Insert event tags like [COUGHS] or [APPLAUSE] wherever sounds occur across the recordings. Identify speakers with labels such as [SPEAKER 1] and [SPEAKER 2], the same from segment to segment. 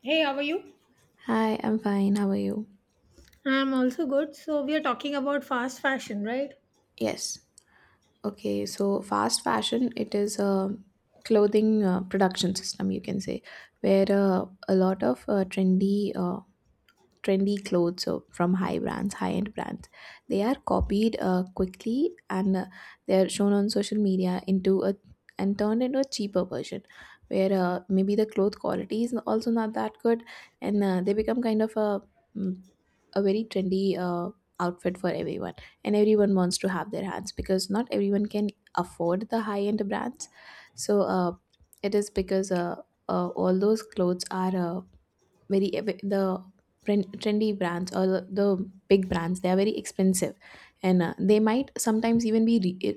[SPEAKER 1] Hey, how are you?
[SPEAKER 2] Hi, I'm fine. How are you?
[SPEAKER 1] I'm also good. So we are talking about fast fashion, right?
[SPEAKER 2] Yes. Okay, so fast fashion, it is a clothing production system, you can say, where a lot of trendy clothes from high end brands, they are copied quickly, and they are shown on social media into a and turned into a cheaper version, where maybe the cloth quality is also not that good, and they become kind of mm, a very trendy outfit for everyone, and everyone wants to have their hands because not everyone can afford the high end brands. So it is because all those clothes are very, the trendy brands or the big brands, they are very expensive, and they might sometimes even be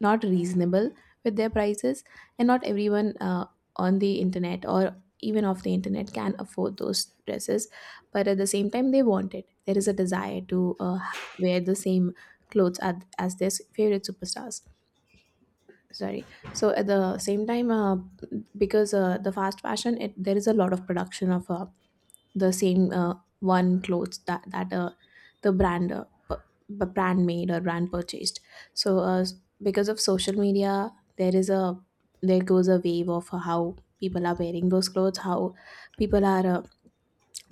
[SPEAKER 2] not reasonable with their prices. And not everyone on the internet or even off the internet can afford those dresses, but at the same time, they want it. There is a desire to wear the same clothes as their favorite superstars. Sorry, so at the same time because the fast fashion, it, there is a lot of production of the same one clothes that the brand brand made or brand purchased. So because of social media, there is a there goes a wave of how people are wearing those clothes, how people are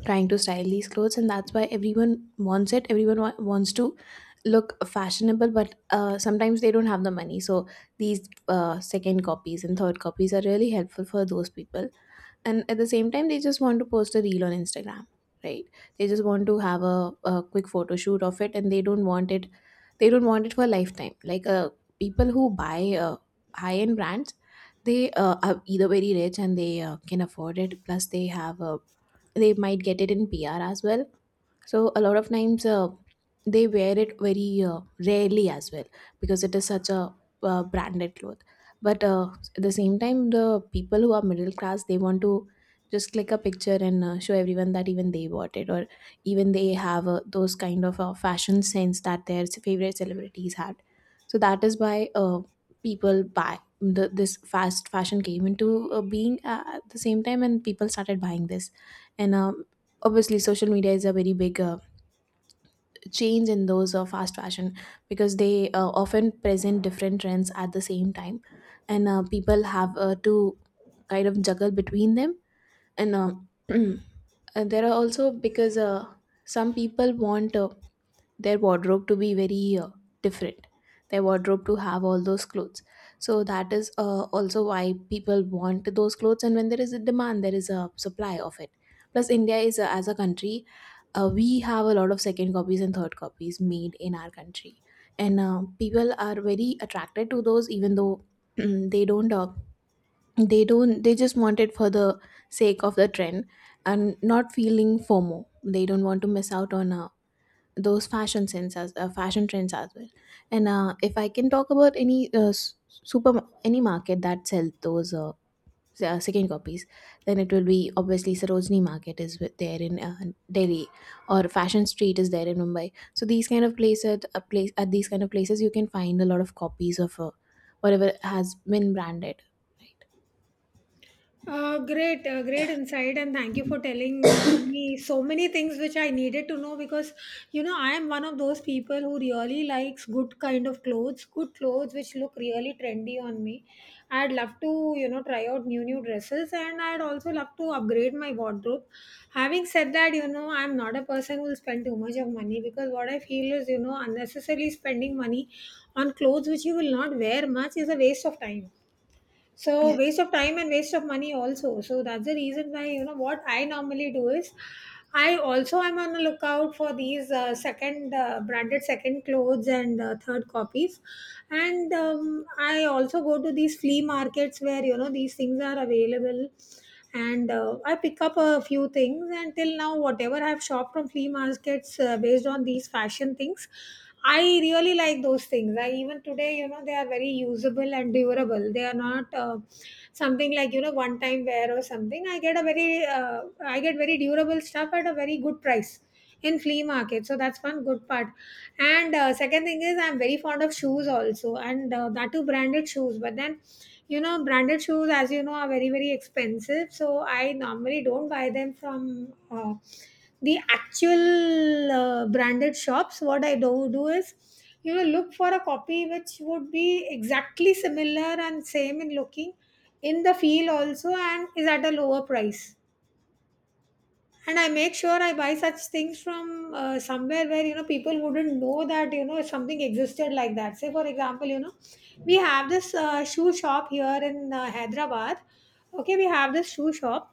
[SPEAKER 2] trying to style these clothes, and that's why everyone wants it. Everyone wants to look fashionable, but sometimes they don't have the money. So these second copies and third copies are really helpful for those people, and at the same time they just want to post a reel on Instagram, right? They just want to have a quick photo shoot of it, and they don't want it for a lifetime, like people who buy high end brands. They are either very rich and they can afford it, plus they have a they might get it in PR as well. So a lot of times they wear it very rarely as well because it is such a branded cloth. But at the same time, the people who are middle class, they want to just click a picture and show everyone that even they bought it, or even they have those kind of fashion sense that their favorite celebrities had. So that is why people buy. This fast fashion came into being at the same time, and people started buying this. And obviously social media is a very big change in those fast fashion because they often present different trends at the same time, and people have to kind of juggle between them. And [CLEARS THROAT] and there are also, because some people want their wardrobe to be very different, their wardrobe to have all those clothes. So that is also why people want those clothes, and when there is a demand, there is a supply of it. Plus India as a country, we have a lot of second copies and third copies made in our country. And people are very attracted to those, even though [CLEARS THROAT] they don't they don't they just want it for the sake of the trend, and not feeling FOMO. They don't want to miss out on a those fashion sense as fashion trends as well. And if I can talk about any s- super any market that sell those second copies, then it will be obviously Sarojini Market there in Delhi, or Fashion Street is there in Mumbai. So these kind of places a place at these kind of places you can find a lot of copies of whatever has been branded, right?
[SPEAKER 1] Great, great insight, and thank you for telling me so many things which I needed to know because you know I am one of those people who really likes good kind of clothes, good clothes which look really trendy on me. I'd love to you know try out new dresses, and I'd also love to upgrade my wardrobe. Having said that, you know I'm not a person who will spend too much of money because what I feel is you know unnecessarily spending money on clothes which you will not wear much is a waste of time so waste
[SPEAKER 2] Yes.
[SPEAKER 1] of time and waste of money also. So that's the reason why you know what I normally do is I also am on the lookout for these second branded second clothes and third copies, and I also go to these flea markets where you know these things are available and I pick up a few things, and till now whatever I have shopped from flea markets based on these fashion things I really like those things. I even today you know they are very usable and durable. They are not something like you know one time wear or something. I get a very I get very durable stuff at a very good price in flea market, so that's one good part. And second thing is I'm very fond of shoes also, and that too branded shoes, but then you know branded shoes as you know are very expensive, so I normally don't buy them from the actual branded shops. What I do is you know look for a copy which would be exactly similar and same in looking, in the feel also, and is at a lower price. And I make sure I buy such things from somewhere where you know people wouldn't know that you know something existed like that. Say for example, you know, we have this shoe shop here in Hyderabad. Okay, we have this shoe shop.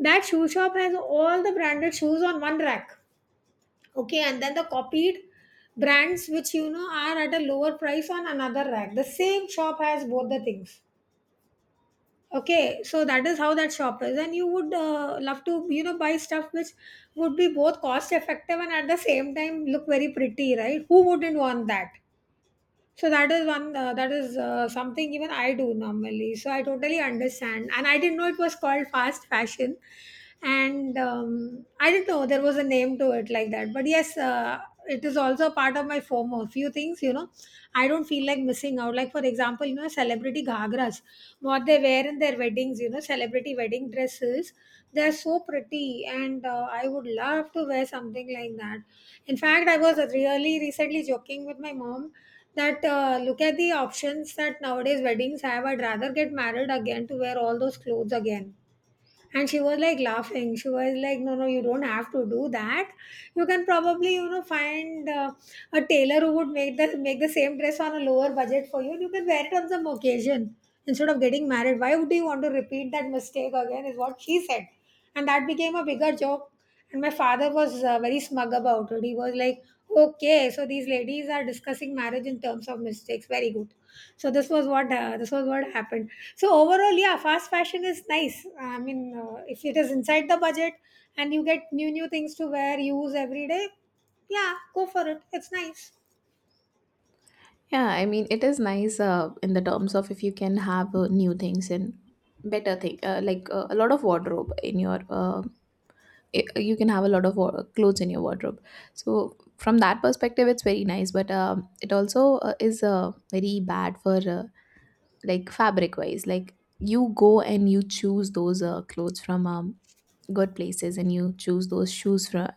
[SPEAKER 1] That shoe shop has all the branded shoes on one rack. Okay, and then the copied brands which you know are at a lower price on another rack. The same shop has both the things. Okay, so that is how that shop is, and you would love to, you know, buy stuff which would be both cost effective and at the same time look very pretty, right? Who wouldn't want that? So that is one that is something even I do normally. So I totally understand, and I didn't know it was called fast fashion, and I didn't know there was a name to it like that. But yes, it is also part of my FOMO. Few things, you know, I don't feel like missing out. Like for example, you know, celebrity ghagras, what they wear in their weddings, you know, celebrity wedding dresses, they are so pretty, and I would love to wear something like that. In fact, I was really recently joking with my mom that look at the options that nowadays weddings have. I'd rather get married again to wear all those clothes again. And she was like laughing. She was like, no, no, you don't have to do that. You can probably you know find a tailor who would make the same dress on a lower budget for you, and you can wear it on some occasion instead of getting married. Why would you want to repeat that mistake again is what she said, and that became a bigger joke. And my father was very smug about it. He was like, okay, so these ladies are discussing marriage in terms of mistakes, very good. So this was what happened. So overall, yeah, fast fashion is nice. I mean, if it is inside the budget and you get new things to wear, use every day, yeah, go for it, it's nice.
[SPEAKER 2] Yeah, I mean, it is nice in the terms of if you can have new things and better thing, like a lot of wardrobe in your, I you can have a lot of clothes in your wardrobe. So from that perspective, it's very nice, but it also is very bad for like fabric wise. Like you go and you choose those clothes from good places, and you choose those shoes from,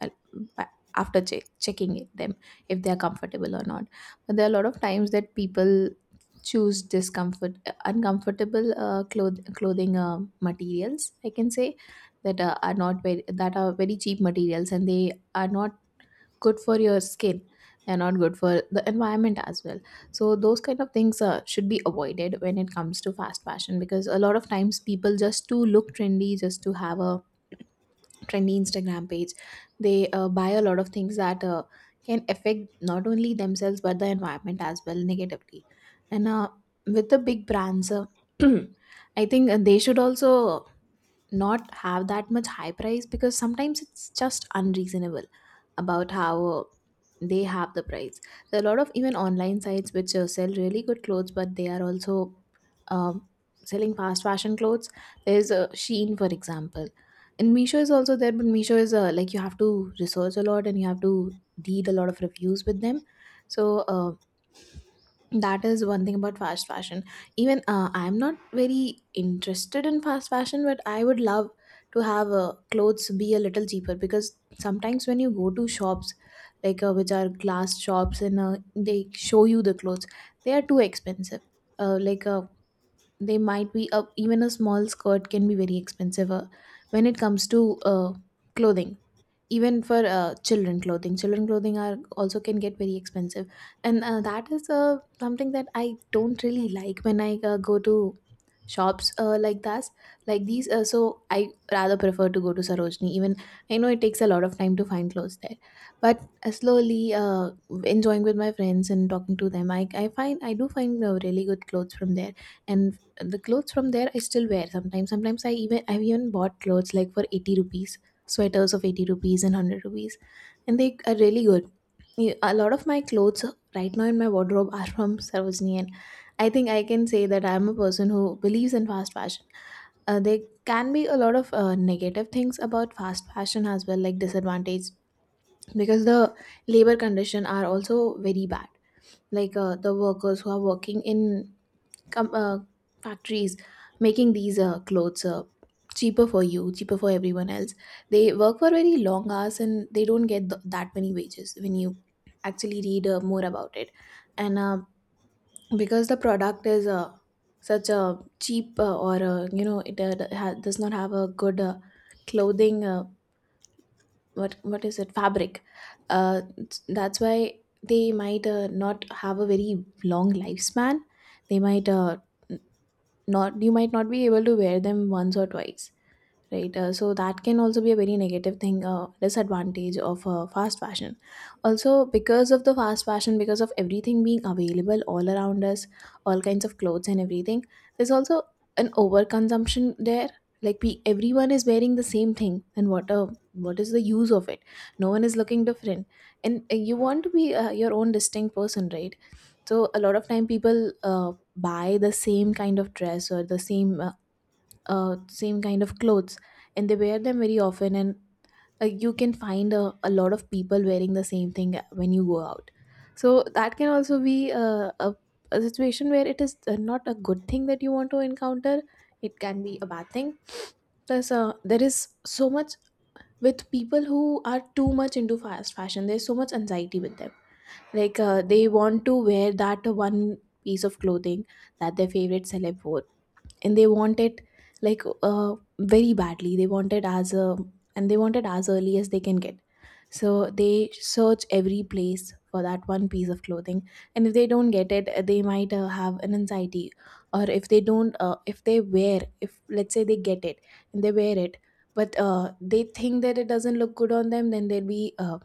[SPEAKER 2] after checking them, if they are comfortable or not. But there are a lot of times that people choose discomfort uncomfortable clothing materials, I can say, that are not very that are very cheap materials, and they are not good for your skin. They're not good for the environment as well. So those kind of things should be avoided when it comes to fast fashion, because a lot of times people, just to look trendy, just to have a trendy Instagram page, they buy a lot of things that can affect not only themselves but the environment as well negatively. And with the big brands, [CLEARS THROAT] I think they should also not have that much high price, because sometimes it's just unreasonable about how they have the price. There are a lot of even online sites which sell really good clothes, but they are also um, selling fast fashion clothes. There's Shein, for example, and Meesho is also there, but Meesho is like you have to research a lot and you have to read a lot of reviews with them. So that is one thing about fast fashion. Even I'm not very interested in fast fashion, but I would love to have clothes be a little cheaper, because sometimes when you go to shops like which are glass shops, and they show you the clothes, they are too expensive. Like they might be even a small skirt can be very expensive when it comes to clothing. Even for children clothing are also, can get very expensive. And that is something that I don't really like when I go to shops like that, like these so I rather prefer to go to Sarojini. Even I know it takes a lot of time to find clothes there, but slowly enjoying with my friends and talking to them, I do find really good clothes from there. And the clothes from there, I still wear sometimes. I've even bought clothes like for 80 rupees, sweaters of 80 rupees and 100 rupees, and they are really good. Yeah, a lot of my clothes right now in my wardrobe are from Sarojini, and I think I can say that I am a person who believes in fast fashion. There can be a lot of negative things about fast fashion as well, like disadvantage, because the labor condition are also very bad. Like the workers who are working in com- uh, factories making these clothes cheaper for you, cheaper for everyone else, they work for very long hours, and they don't get that many wages when you actually read more about it. And because the product is such a cheap or it does not have a good clothing, what is it, fabric, uh, that's why they might not have a very long lifespan. They might uh, not you might not be able to wear them once or twice, right? So that can also be a very negative thing, disadvantage of fast fashion. Also, because of the fast fashion, because of everything being available all around us, all kinds of clothes and everything, there's also an overconsumption there. Like everyone is wearing the same thing, and what is the use of it? No one is looking different, and you want to be your own distinct person, right? So a lot of time people buy the same kind of dress or the same same kind of clothes, and they wear them very often. And you can find a lot of people wearing the same thing when you go out, so that can also be a situation where it is not a good thing that you want to encounter. It can be a bad thing. Plus there is so much, with people who are too much into fast fashion there's so much anxiety with them. Like they want to wear that one piece of clothing that their favorite celeb wore, and they want it, like very badly. They want it as a and they want it as early as they can get, so they search every place for that one piece of clothing. And if they don't get it, they might have an anxiety. Or if they don't if they wear, if let's say they get it and they wear it, but they think that it doesn't look good on them, then there will be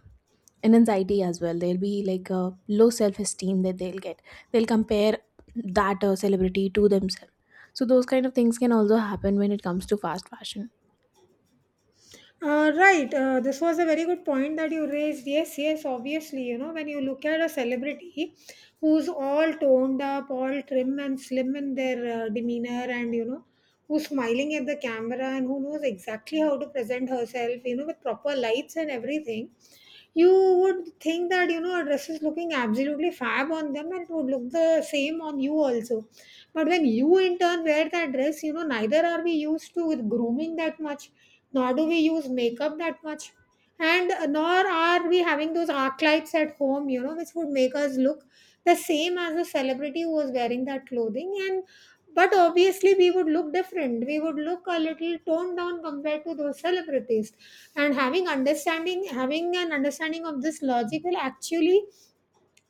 [SPEAKER 2] an anxiety as well. There'll be like a low self-esteem that they'll get. They'll compare that celebrity to themselves. So those kind of things can also happen when it comes to fast fashion.
[SPEAKER 1] Right, this was a very good point that you raised. Yes, yes, obviously, you know, when you look at a celebrity who's all toned up, all trim and slim in their demeanor, and you know, who's smiling at the camera and who knows exactly how to present herself, you know, with proper lights and everything, you would think that you know a dress is looking absolutely fab on them, and it would look the same on you also. But when you in turn wear that dress, you know neither are we used to with grooming that much, nor do we use makeup that much, and nor are we having those arc lights at home you know which would make us look the same as a celebrity who was wearing that clothing. And but obviously, we would look different. We would look a little toned down compared to those celebrities. And having an understanding of this logic will actually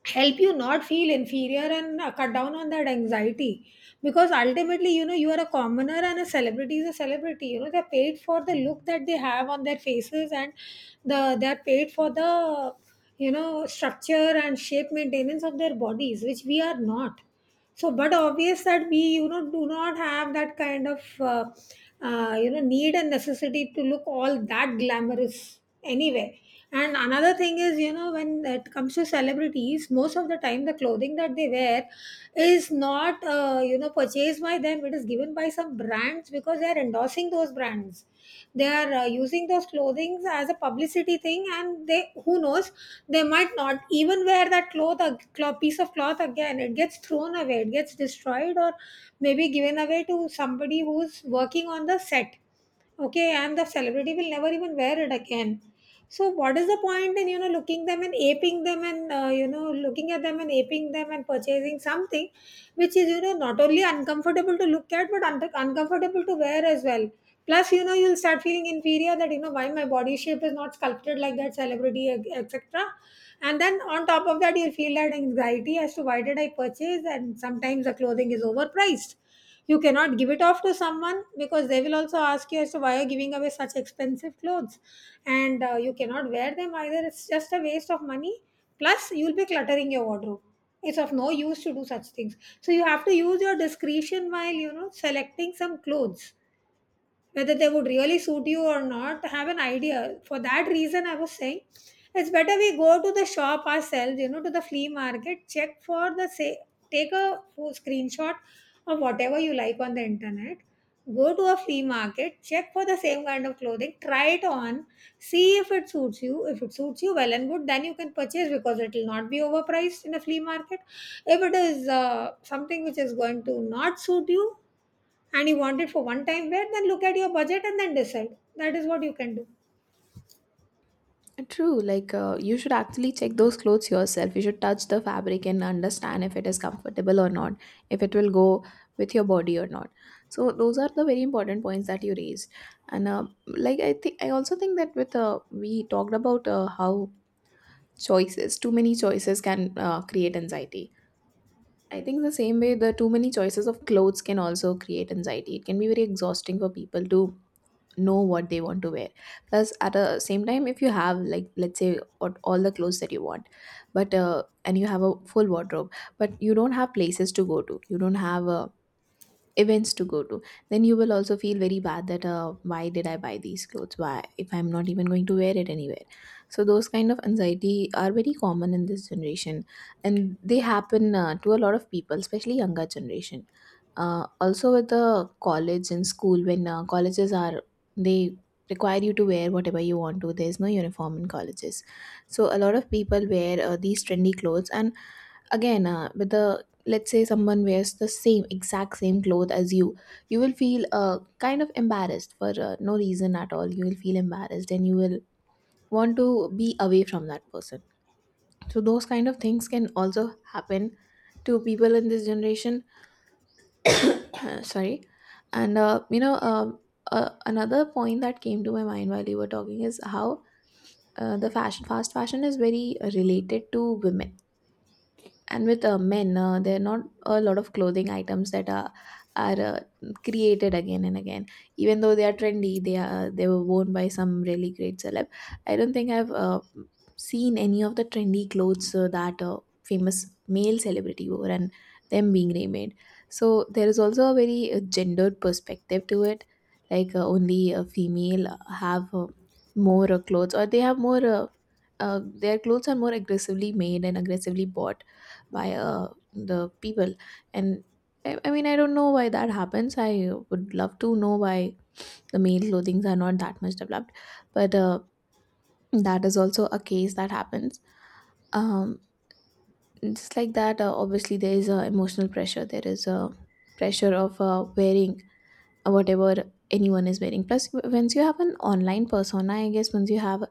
[SPEAKER 1] help you not feel inferior and cut down on that anxiety. Because ultimately, you know, you are a commoner and a celebrity is a celebrity. You know, they're paid for the look that they have on their faces, and they're paid for the you know structure and shape maintenance of their bodies, which we are not. So but obvious that we you know do not have that kind of you know need and necessity to look all that glamorous anyway. And another thing is you know when it comes to celebrities, most of the time the clothing that they wear is not you know purchased by them. It is given by some brands because they are endorsing those brands. They are using those clothings as a publicity thing. And they, who knows, they might not even wear that piece of cloth again. It gets thrown away, it gets destroyed, or maybe given away to somebody who's working on the set. Okay, and the celebrity will never even wear it again. So what is the point in you know looking them and aping them, and you know looking at them and aping them and purchasing something which is you know not only uncomfortable to look at but uncomfortable to wear as well. Plus, you know, you'll start feeling inferior that, you know, why my body shape is not sculpted like that celebrity, etc. And then on top of that, you'll feel that anxiety as to why did I purchase. And sometimes the clothing is overpriced. You cannot give it off to someone because they will also ask you as to why you're giving away such expensive clothes. And you cannot wear them either. It's just a waste of money. Plus, you'll be cluttering your wardrobe. It's of no use to do such things. So you have to use your discretion while, you know, selecting some clothes whether they would really suit you or not, have an idea. For that reason I was saying it's better we go to the shop ourselves, you know, to the flea market, check for the say, take a screenshot of whatever you like on the internet, go to a flea market, check for the same kind of clothing, try it on, see if it suits you. If it suits you, well and good, then you can purchase because it will not be overpriced in a flea market. If it is something which is going to not suit you and you want it for one time wear, then look at your budget and then decide. That is what you can do.
[SPEAKER 2] True, like you should actually check those clothes yourself. You should touch the fabric and understand if it is comfortable or not, if it will go with your body or not. So those are the very important points that you raised. And like, I think, I also think that with we talked about how choices, too many choices, can create anxiety. I think the same way the too many choices of clothes can also create anxiety. It can be very exhausting for people to know what they want to wear. Plus at the same time, if you have, like let's say, what all the clothes that you want, but and you have a full wardrobe, but you don't have places to go to, you don't have a events to go to, then you will also feel very bad that, why did I buy these clothes, why, if I'm not even going to wear it anywhere. So those kind of anxiety are very common in this generation, and they happen, to a lot of people, especially younger generation. Also with the college and school, when colleges are, they require you to wear whatever you want to, there's no uniform in colleges. So a lot of people wear these trendy clothes, and again with the, let's say someone wears the same exact same cloth as you, you will feel kind of embarrassed for no reason at all. You will feel embarrassed and you will want to be away from that person. So those kind of things can also happen to people in this generation. [COUGHS] [CLEARS THROAT] Sorry. And another point that came to my mind while you were talking is how the fashion fast fashion is very related to women. And with men, there are not a lot of clothing items that are are uh, created again and again, even though they are trendy, they were worn by some really great celeb. I don't think I've seen any of the trendy clothes that a famous male celebrity wore and them being remade. So there is also a very gendered perspective to it. Like only a female have more clothes, or they have more uh, their clothes are more aggressively made and aggressively bought by the people. And I mean, I don't know why that happens. I would love to know why the male clothings are not that much developed. But that is also a case that happens. um just like that, obviously there is emotional pressure, there is a pressure of wearing whatever anyone is wearing. Plus, once you have an online persona, I guess, once you have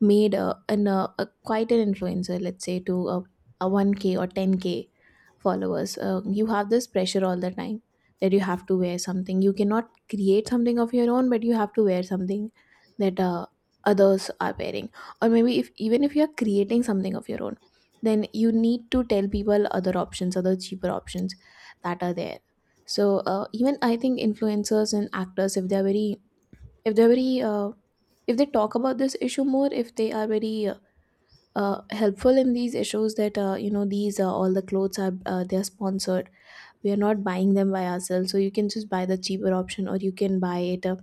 [SPEAKER 2] made a, an, a quite an influencer, let's say, to a 1K or 10K followers, you have this pressure all the time that you have to wear something. You cannot create something of your own, but you have to wear something that others are wearing. Or maybe, if even if you are creating something of your own, then you need to tell people other options, other cheaper options that are there. So even I think influencers and actors, if they are very, if they're very uh, if they talk about this issue more, if they are very helpful in these issues, that you know, these all the clothes are, they are sponsored, we are not buying them by ourselves. So you can just buy the cheaper option, or you can buy it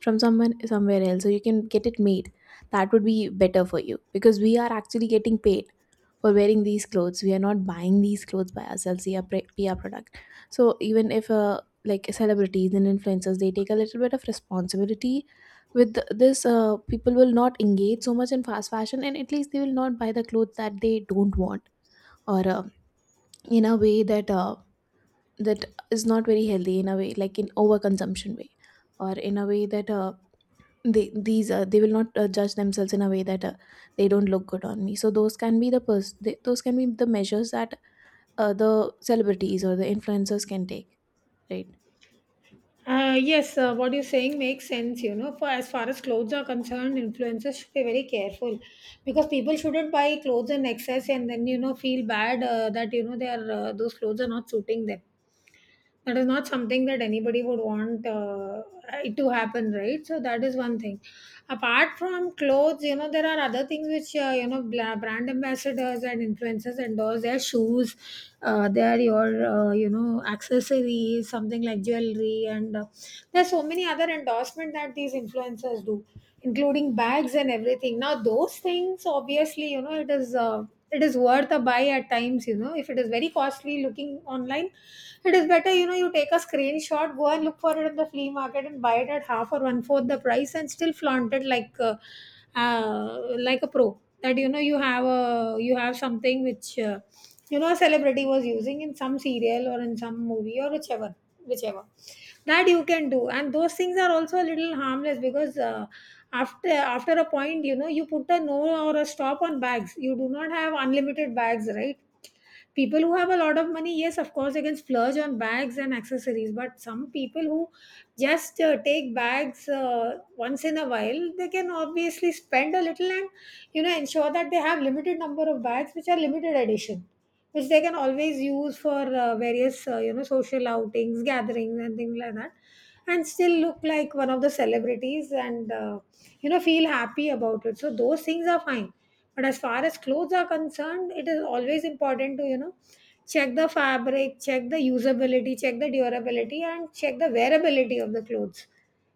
[SPEAKER 2] from someone somewhere else, so you can get it made. That would be better for you because we are actually getting paid for wearing these clothes. We are not buying these clothes by ourselves. They are pre- pr product. So even if like celebrities and influencers, they take a little bit of responsibility with this, people will not engage so much in fast fashion, and at least they will not buy the clothes that they don't want, or in a way that that is not very healthy, in a way, like in overconsumption way. Or in a way that they will not judge themselves in a way that they don't look good on me. So those can be the those can be the measures that the celebrities or the influencers can take, right?
[SPEAKER 1] Yes, what you're saying makes sense. You know, for as far as clothes are concerned, influencers should be very careful because people shouldn't buy clothes in excess and then you know feel bad that you know they are those clothes are not suiting them. That is not something that anybody would want it to happen, right? So that is one thing. Apart from clothes, you know, there are other things which you know brand ambassadors and influencers endorse. Their shoes, their your you know accessories, something like jewelry, and there's so many other endorsement that these influencers do, including bags and everything. Now those things, obviously, you know, it is. It is worth a buy at times if it is very costly looking online. It is better you take a screenshot, go and look for it in the flea market, and buy it at half or one fourth the price, and still flaunt it like a pro, that you have something which a celebrity was using in some serial or in some movie, or whichever, that you can do. And those things are also a little harmless, because after a point, you put a no or a stop on bags. You do not have unlimited bags, right? People who have a lot of money, yes, of course they can splurge on bags and accessories, but some people who just take bags once in a while, they can obviously spend a little and ensure that they have limited number of bags which are limited edition, which they can always use for various social outings, gatherings, and things like that, and still look like one of the celebrities, and feel happy about it. So those things are fine. But as far as clothes are concerned, it is always important to check the fabric, check the usability, check the durability, and check the wearability of the clothes.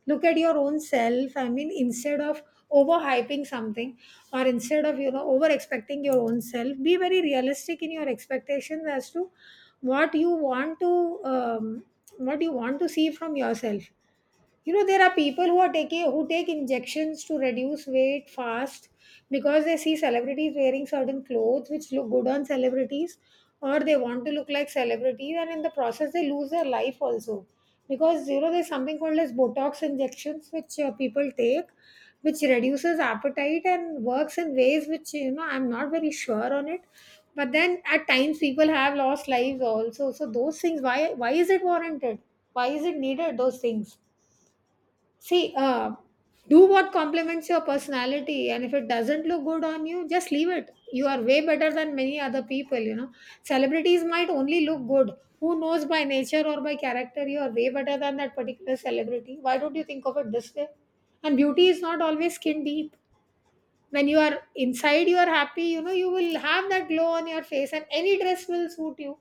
[SPEAKER 1] Look at your own self. I mean, instead of overhyping something, or instead of, over expecting your own self, be very realistic in your expectations as to what you want to what you want to see from yourself. You know there are people who are taking who take injections to reduce weight fast, because they see celebrities wearing certain clothes which look good on celebrities, or they want to look like celebrities, and in the process they lose their life also, because there's something called as botox injections which people take, which reduces appetite and works in ways which I'm not very sure on it. But then at times people have lost lives also. So those things, why is it warranted, why is it needed, those things? See, do what complements your personality, and if it doesn't look good on you, just leave it. You are way better than many other people. Celebrities might only look good. Who knows, by nature or by character, you are way better than that particular celebrity. Why don't you think of it this way? And beauty is not always skin deep. When you are inside you are happy, you will have that glow on your face, and any dress will suit you.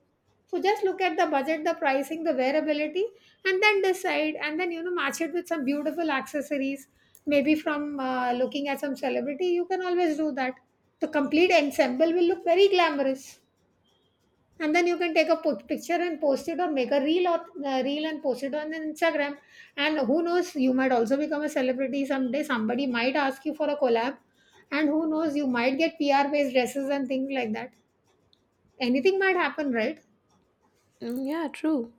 [SPEAKER 1] So just look at the budget, the pricing, the wearability, and then decide, and then match it with some beautiful accessories, maybe from looking at some celebrity. You can always do that. The complete ensemble will look very glamorous, and then you can take a picture and post it, or make a reel and post it on Instagram. And who knows, you might also become a celebrity someday. Somebody might ask you for a collab, and who knows, you might get PR-based dresses and things like that. Anything might happen, right?
[SPEAKER 2] yeah, true.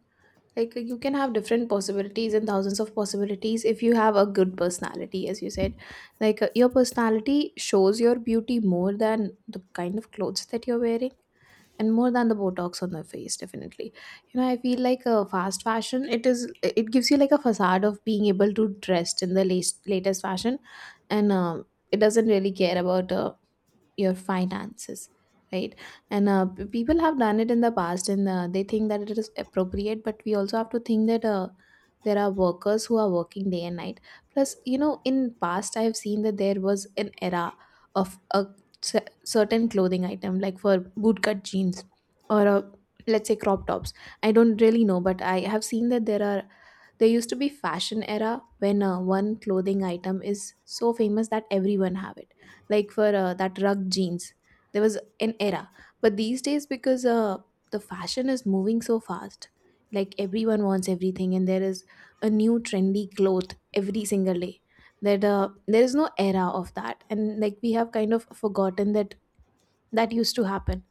[SPEAKER 2] Like you can have different possibilities and thousands of possibilities if you have a good personality, as you said. Like your personality shows your beauty more than the kind of clothes that you're wearing, and more than the botox on the face, definitely. You know, I feel like fast fashion, it gives you like a facade of being able to dress in the latest fashion. And it doesn't really care about your finances, right? And people have done it in the past, and they think that it is appropriate, but we also have to think that there are workers who are working day and night. Plus, you know, in past I've seen that there was an era of a certain clothing item, like for bootcut jeans, or let's say crop tops. I don't really know, but I have seen that there used to be fashion era when one clothing item is so famous that everyone have it. Like for that rug jeans, there was an era. But these days, because the fashion is moving so fast, like everyone wants everything, and there is a new trendy cloth every single day. That there is no era of that, and like we have kind of forgotten that that used to happen.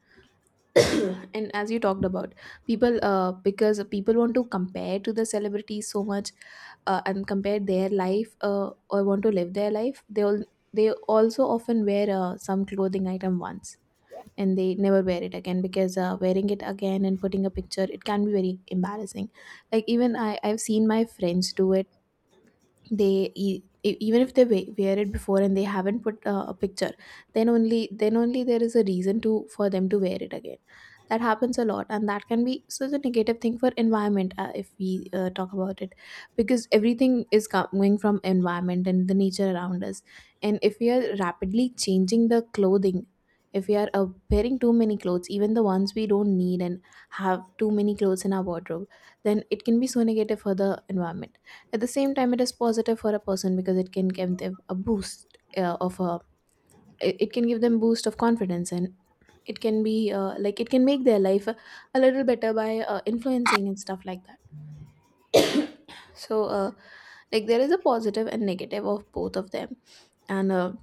[SPEAKER 2] [COUGHS] [CLEARS THROAT] And as you talked about, people because people want to compare to the celebrities so much, and compare their life, or want to live their life, they also often wear some clothing item once, and they never wear it again because wearing it again and putting a picture, it can be very embarrassing. Like even I've seen my friends do it. They even if they wear it before and they haven't put a picture, then only there is a reason to for them to wear it again. That happens a lot, and that can be such a negative thing for environment, if we talk about it. Because everything is coming from environment and the nature around us, and if we are rapidly changing the clothing, if we are wearing too many clothes, even the ones we don't need, and have too many clothes in our wardrobe, then it can be so negative for the environment. At the same time, it is positive for a person, because it can give them a boost of a it it can give them boost of confidence. And it can be like it can make their life a little better by influencing and stuff like that. So like there is a positive and negative of both of them. And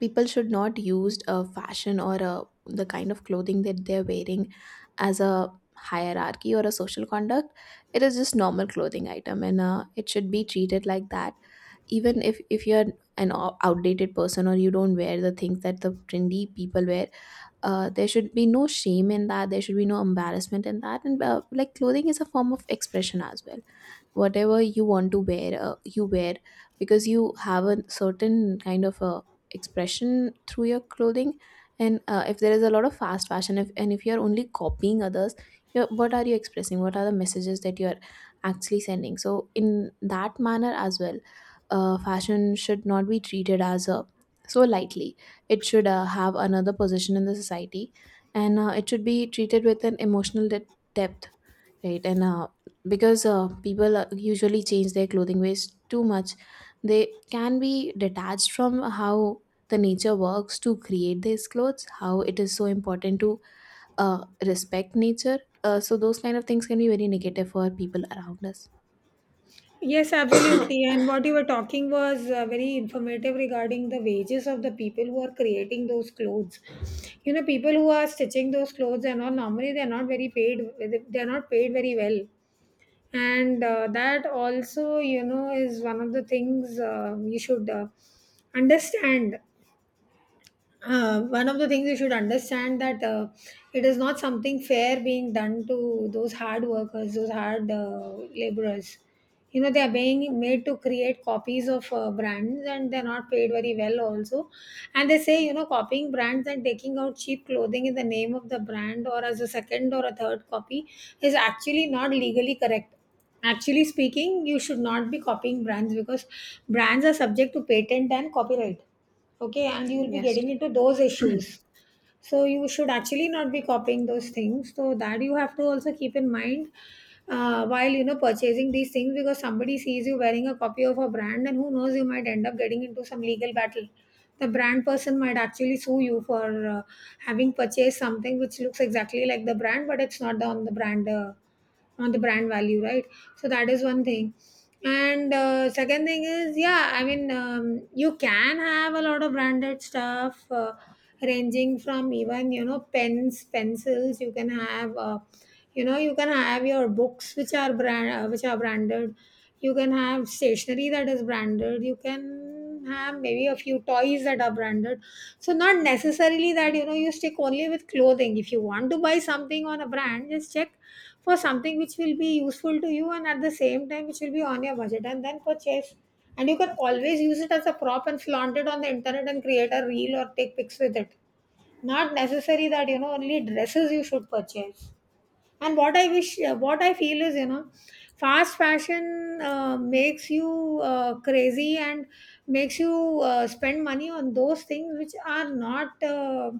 [SPEAKER 2] people should not use a fashion, or a the kind of clothing that they're wearing, as a hierarchy or a social conduct. It is just normal clothing item, and it should be treated like that. Even if you're an outdated person, or you don't wear the things that the trendy people wear, there should be no shame in that, there should be no embarrassment in that. And like, clothing is a form of expression as well. Whatever you want to wear, you wear, because you have a certain kind of a expression through your clothing. And if there is a lot of fast fashion, if, and if you're only copying others, you, what are you expressing, what are the messages that you're actually sending? So in that manner as well, fashion should not be treated as a so lightly. It should have another position in the society. And it should be treated with an emotional depth, right? And because people usually change their clothing ways too much, they can be detached from how the nature works to create these clothes, how it is so important to respect nature. So those kind of things can be very negative for people around us.
[SPEAKER 1] Yes, absolutely. And what you were talking was very informative regarding the wages of the people who are creating those clothes. People who are stitching those clothes and all, normally they're not very paid. They're not paid very well, and that also is one of the things you should understand. One of the things you should understand, that it is not something fair being done to those hard laborers. They are being made to create copies of brands, and they're not paid very well also. And they say, copying brands and taking out cheap clothing in the name of the brand, or as a second or a third copy, is actually not legally correct. Actually speaking, you should not be copying brands, because brands are subject to patent and copyright, okay? And you will be
[SPEAKER 2] Yes.
[SPEAKER 1] getting into those issues. So you should actually not be copying those things. So that you have to also keep in mind, while purchasing these things, because somebody sees you wearing a copy of a brand and who knows, you might end up getting into some legal battle. The brand person might actually sue you for having purchased something which looks exactly like the brand, but it's not on the brand value, right? So that is one thing. And second thing is, yeah, I mean, you can have a lot of branded stuff. Ranging from even pens, pencils, you can have you can have your books which are brand which are branded, you can have stationery that is branded, you can have maybe a few toys that are branded. So not necessarily that you stick only with clothing. If you want to buy something on a brand, just check for something which will be useful to you, and at the same time which will be on your budget, and then purchase, and you can always use it as a prop and flaunt it on the internet, and create a reel or take pics with it. Not necessary that only dresses you should purchase. And what I feel is, fast fashion makes you crazy, and makes you spend money on those things which are not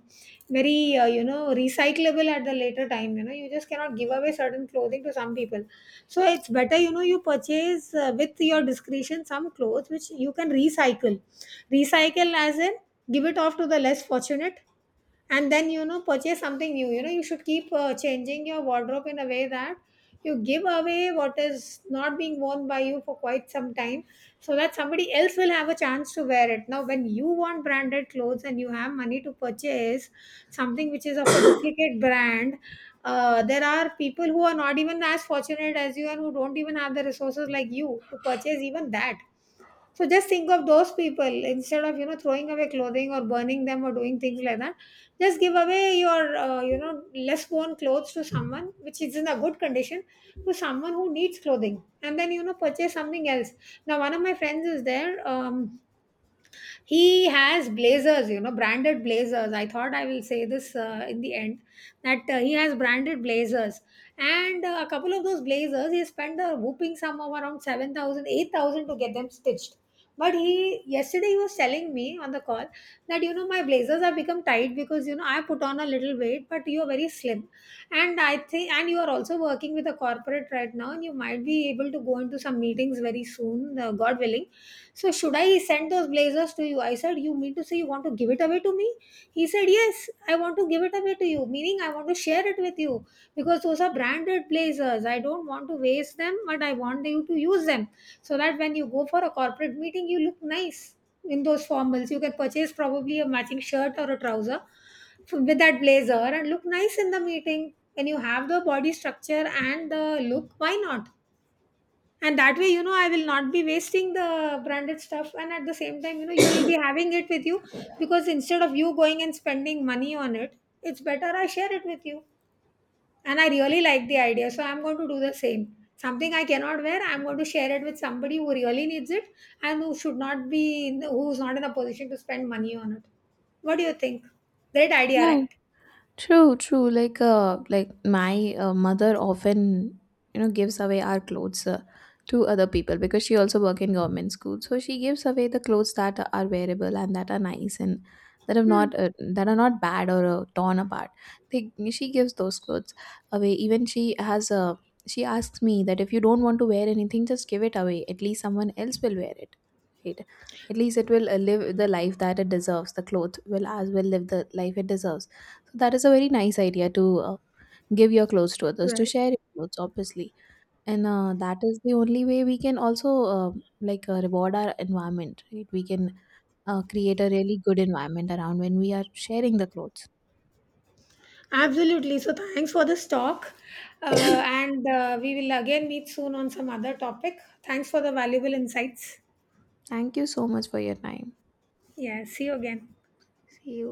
[SPEAKER 1] very recyclable at the later time. You just cannot give away certain clothing to some people. So it's better you purchase with your discretion some clothes which you can recycle, recycle as in give it off to the less fortunate, and then purchase something new. You should keep changing your wardrobe in a way that you give away what is not being worn by you for quite some time, so that somebody else will have a chance to wear it. Now when you want branded clothes and you have money to purchase something which is of a duplicate brand, there are people who are not even as fortunate as you, and who don't even have the resources like you to purchase even that. So just think of those people, instead of throwing away clothing or burning them or doing things like that. Just give away your less worn clothes to someone which is in a good condition, to someone who needs clothing, and then purchase something else. Now one of my friends is there. He has blazers, branded blazers. I thought I will say this in the end, that he has branded blazers. And a couple of those blazers, he spent a whooping sum of around 7,000, 8,000 to get them stitched. But he yesterday he was telling me on the call that my blazers have become tight because I put on a little weight, but you're very slim, and I think, and you are also working with a corporate right now, and you might be able to go into some meetings very soon, God willing. So should I send those blazers to you? I said, "You mean to say you want to give it away to me?" He said, "Yes, I want to give it away to you, meaning I want to share it with you, because those are branded blazers. I don't want to waste them, but I want you to use them, so that when you go for a corporate meeting, you look nice in those formals. You can purchase probably a matching shirt or a trouser with that blazer and look nice in the meeting. When you have the body structure and the look, why not?" And that way I will not be wasting the branded stuff, and at the same time you will be having it with you, because instead of you going and spending money on it, it's better I share it with you. And I really like the idea, so I'm going to do the same. Something I cannot wear, I'm going to share it with somebody who really needs it, and who's not in a position to spend money on it. What do you think? Great idea,
[SPEAKER 2] Yeah.
[SPEAKER 1] right?
[SPEAKER 2] True, true. Like my mother often, you know, gives away our clothes to other people, because she also work in government school. So she gives away the clothes that are wearable and that are nice, and
[SPEAKER 1] Hmm.
[SPEAKER 2] that are not bad or torn apart. She gives those clothes away. Even she has she asks me that, if you don't want to wear anything, just give it away. At least someone else will wear it, right? At least it will live the life that it deserves. The clothes will as well live the life it deserves. That is a very nice idea to give your clothes to others, to
[SPEAKER 1] Right.
[SPEAKER 2] share your clothes, obviously. And that is the only way we can also like reward our environment, right? We can create a really good environment around when we are sharing the clothes.
[SPEAKER 1] Absolutely. So thanks for this talk. And we will again meet soon on some other topic. Thanks for the valuable insights.
[SPEAKER 2] Thank you so much for your time.
[SPEAKER 1] Yeah, see you again.
[SPEAKER 2] See you.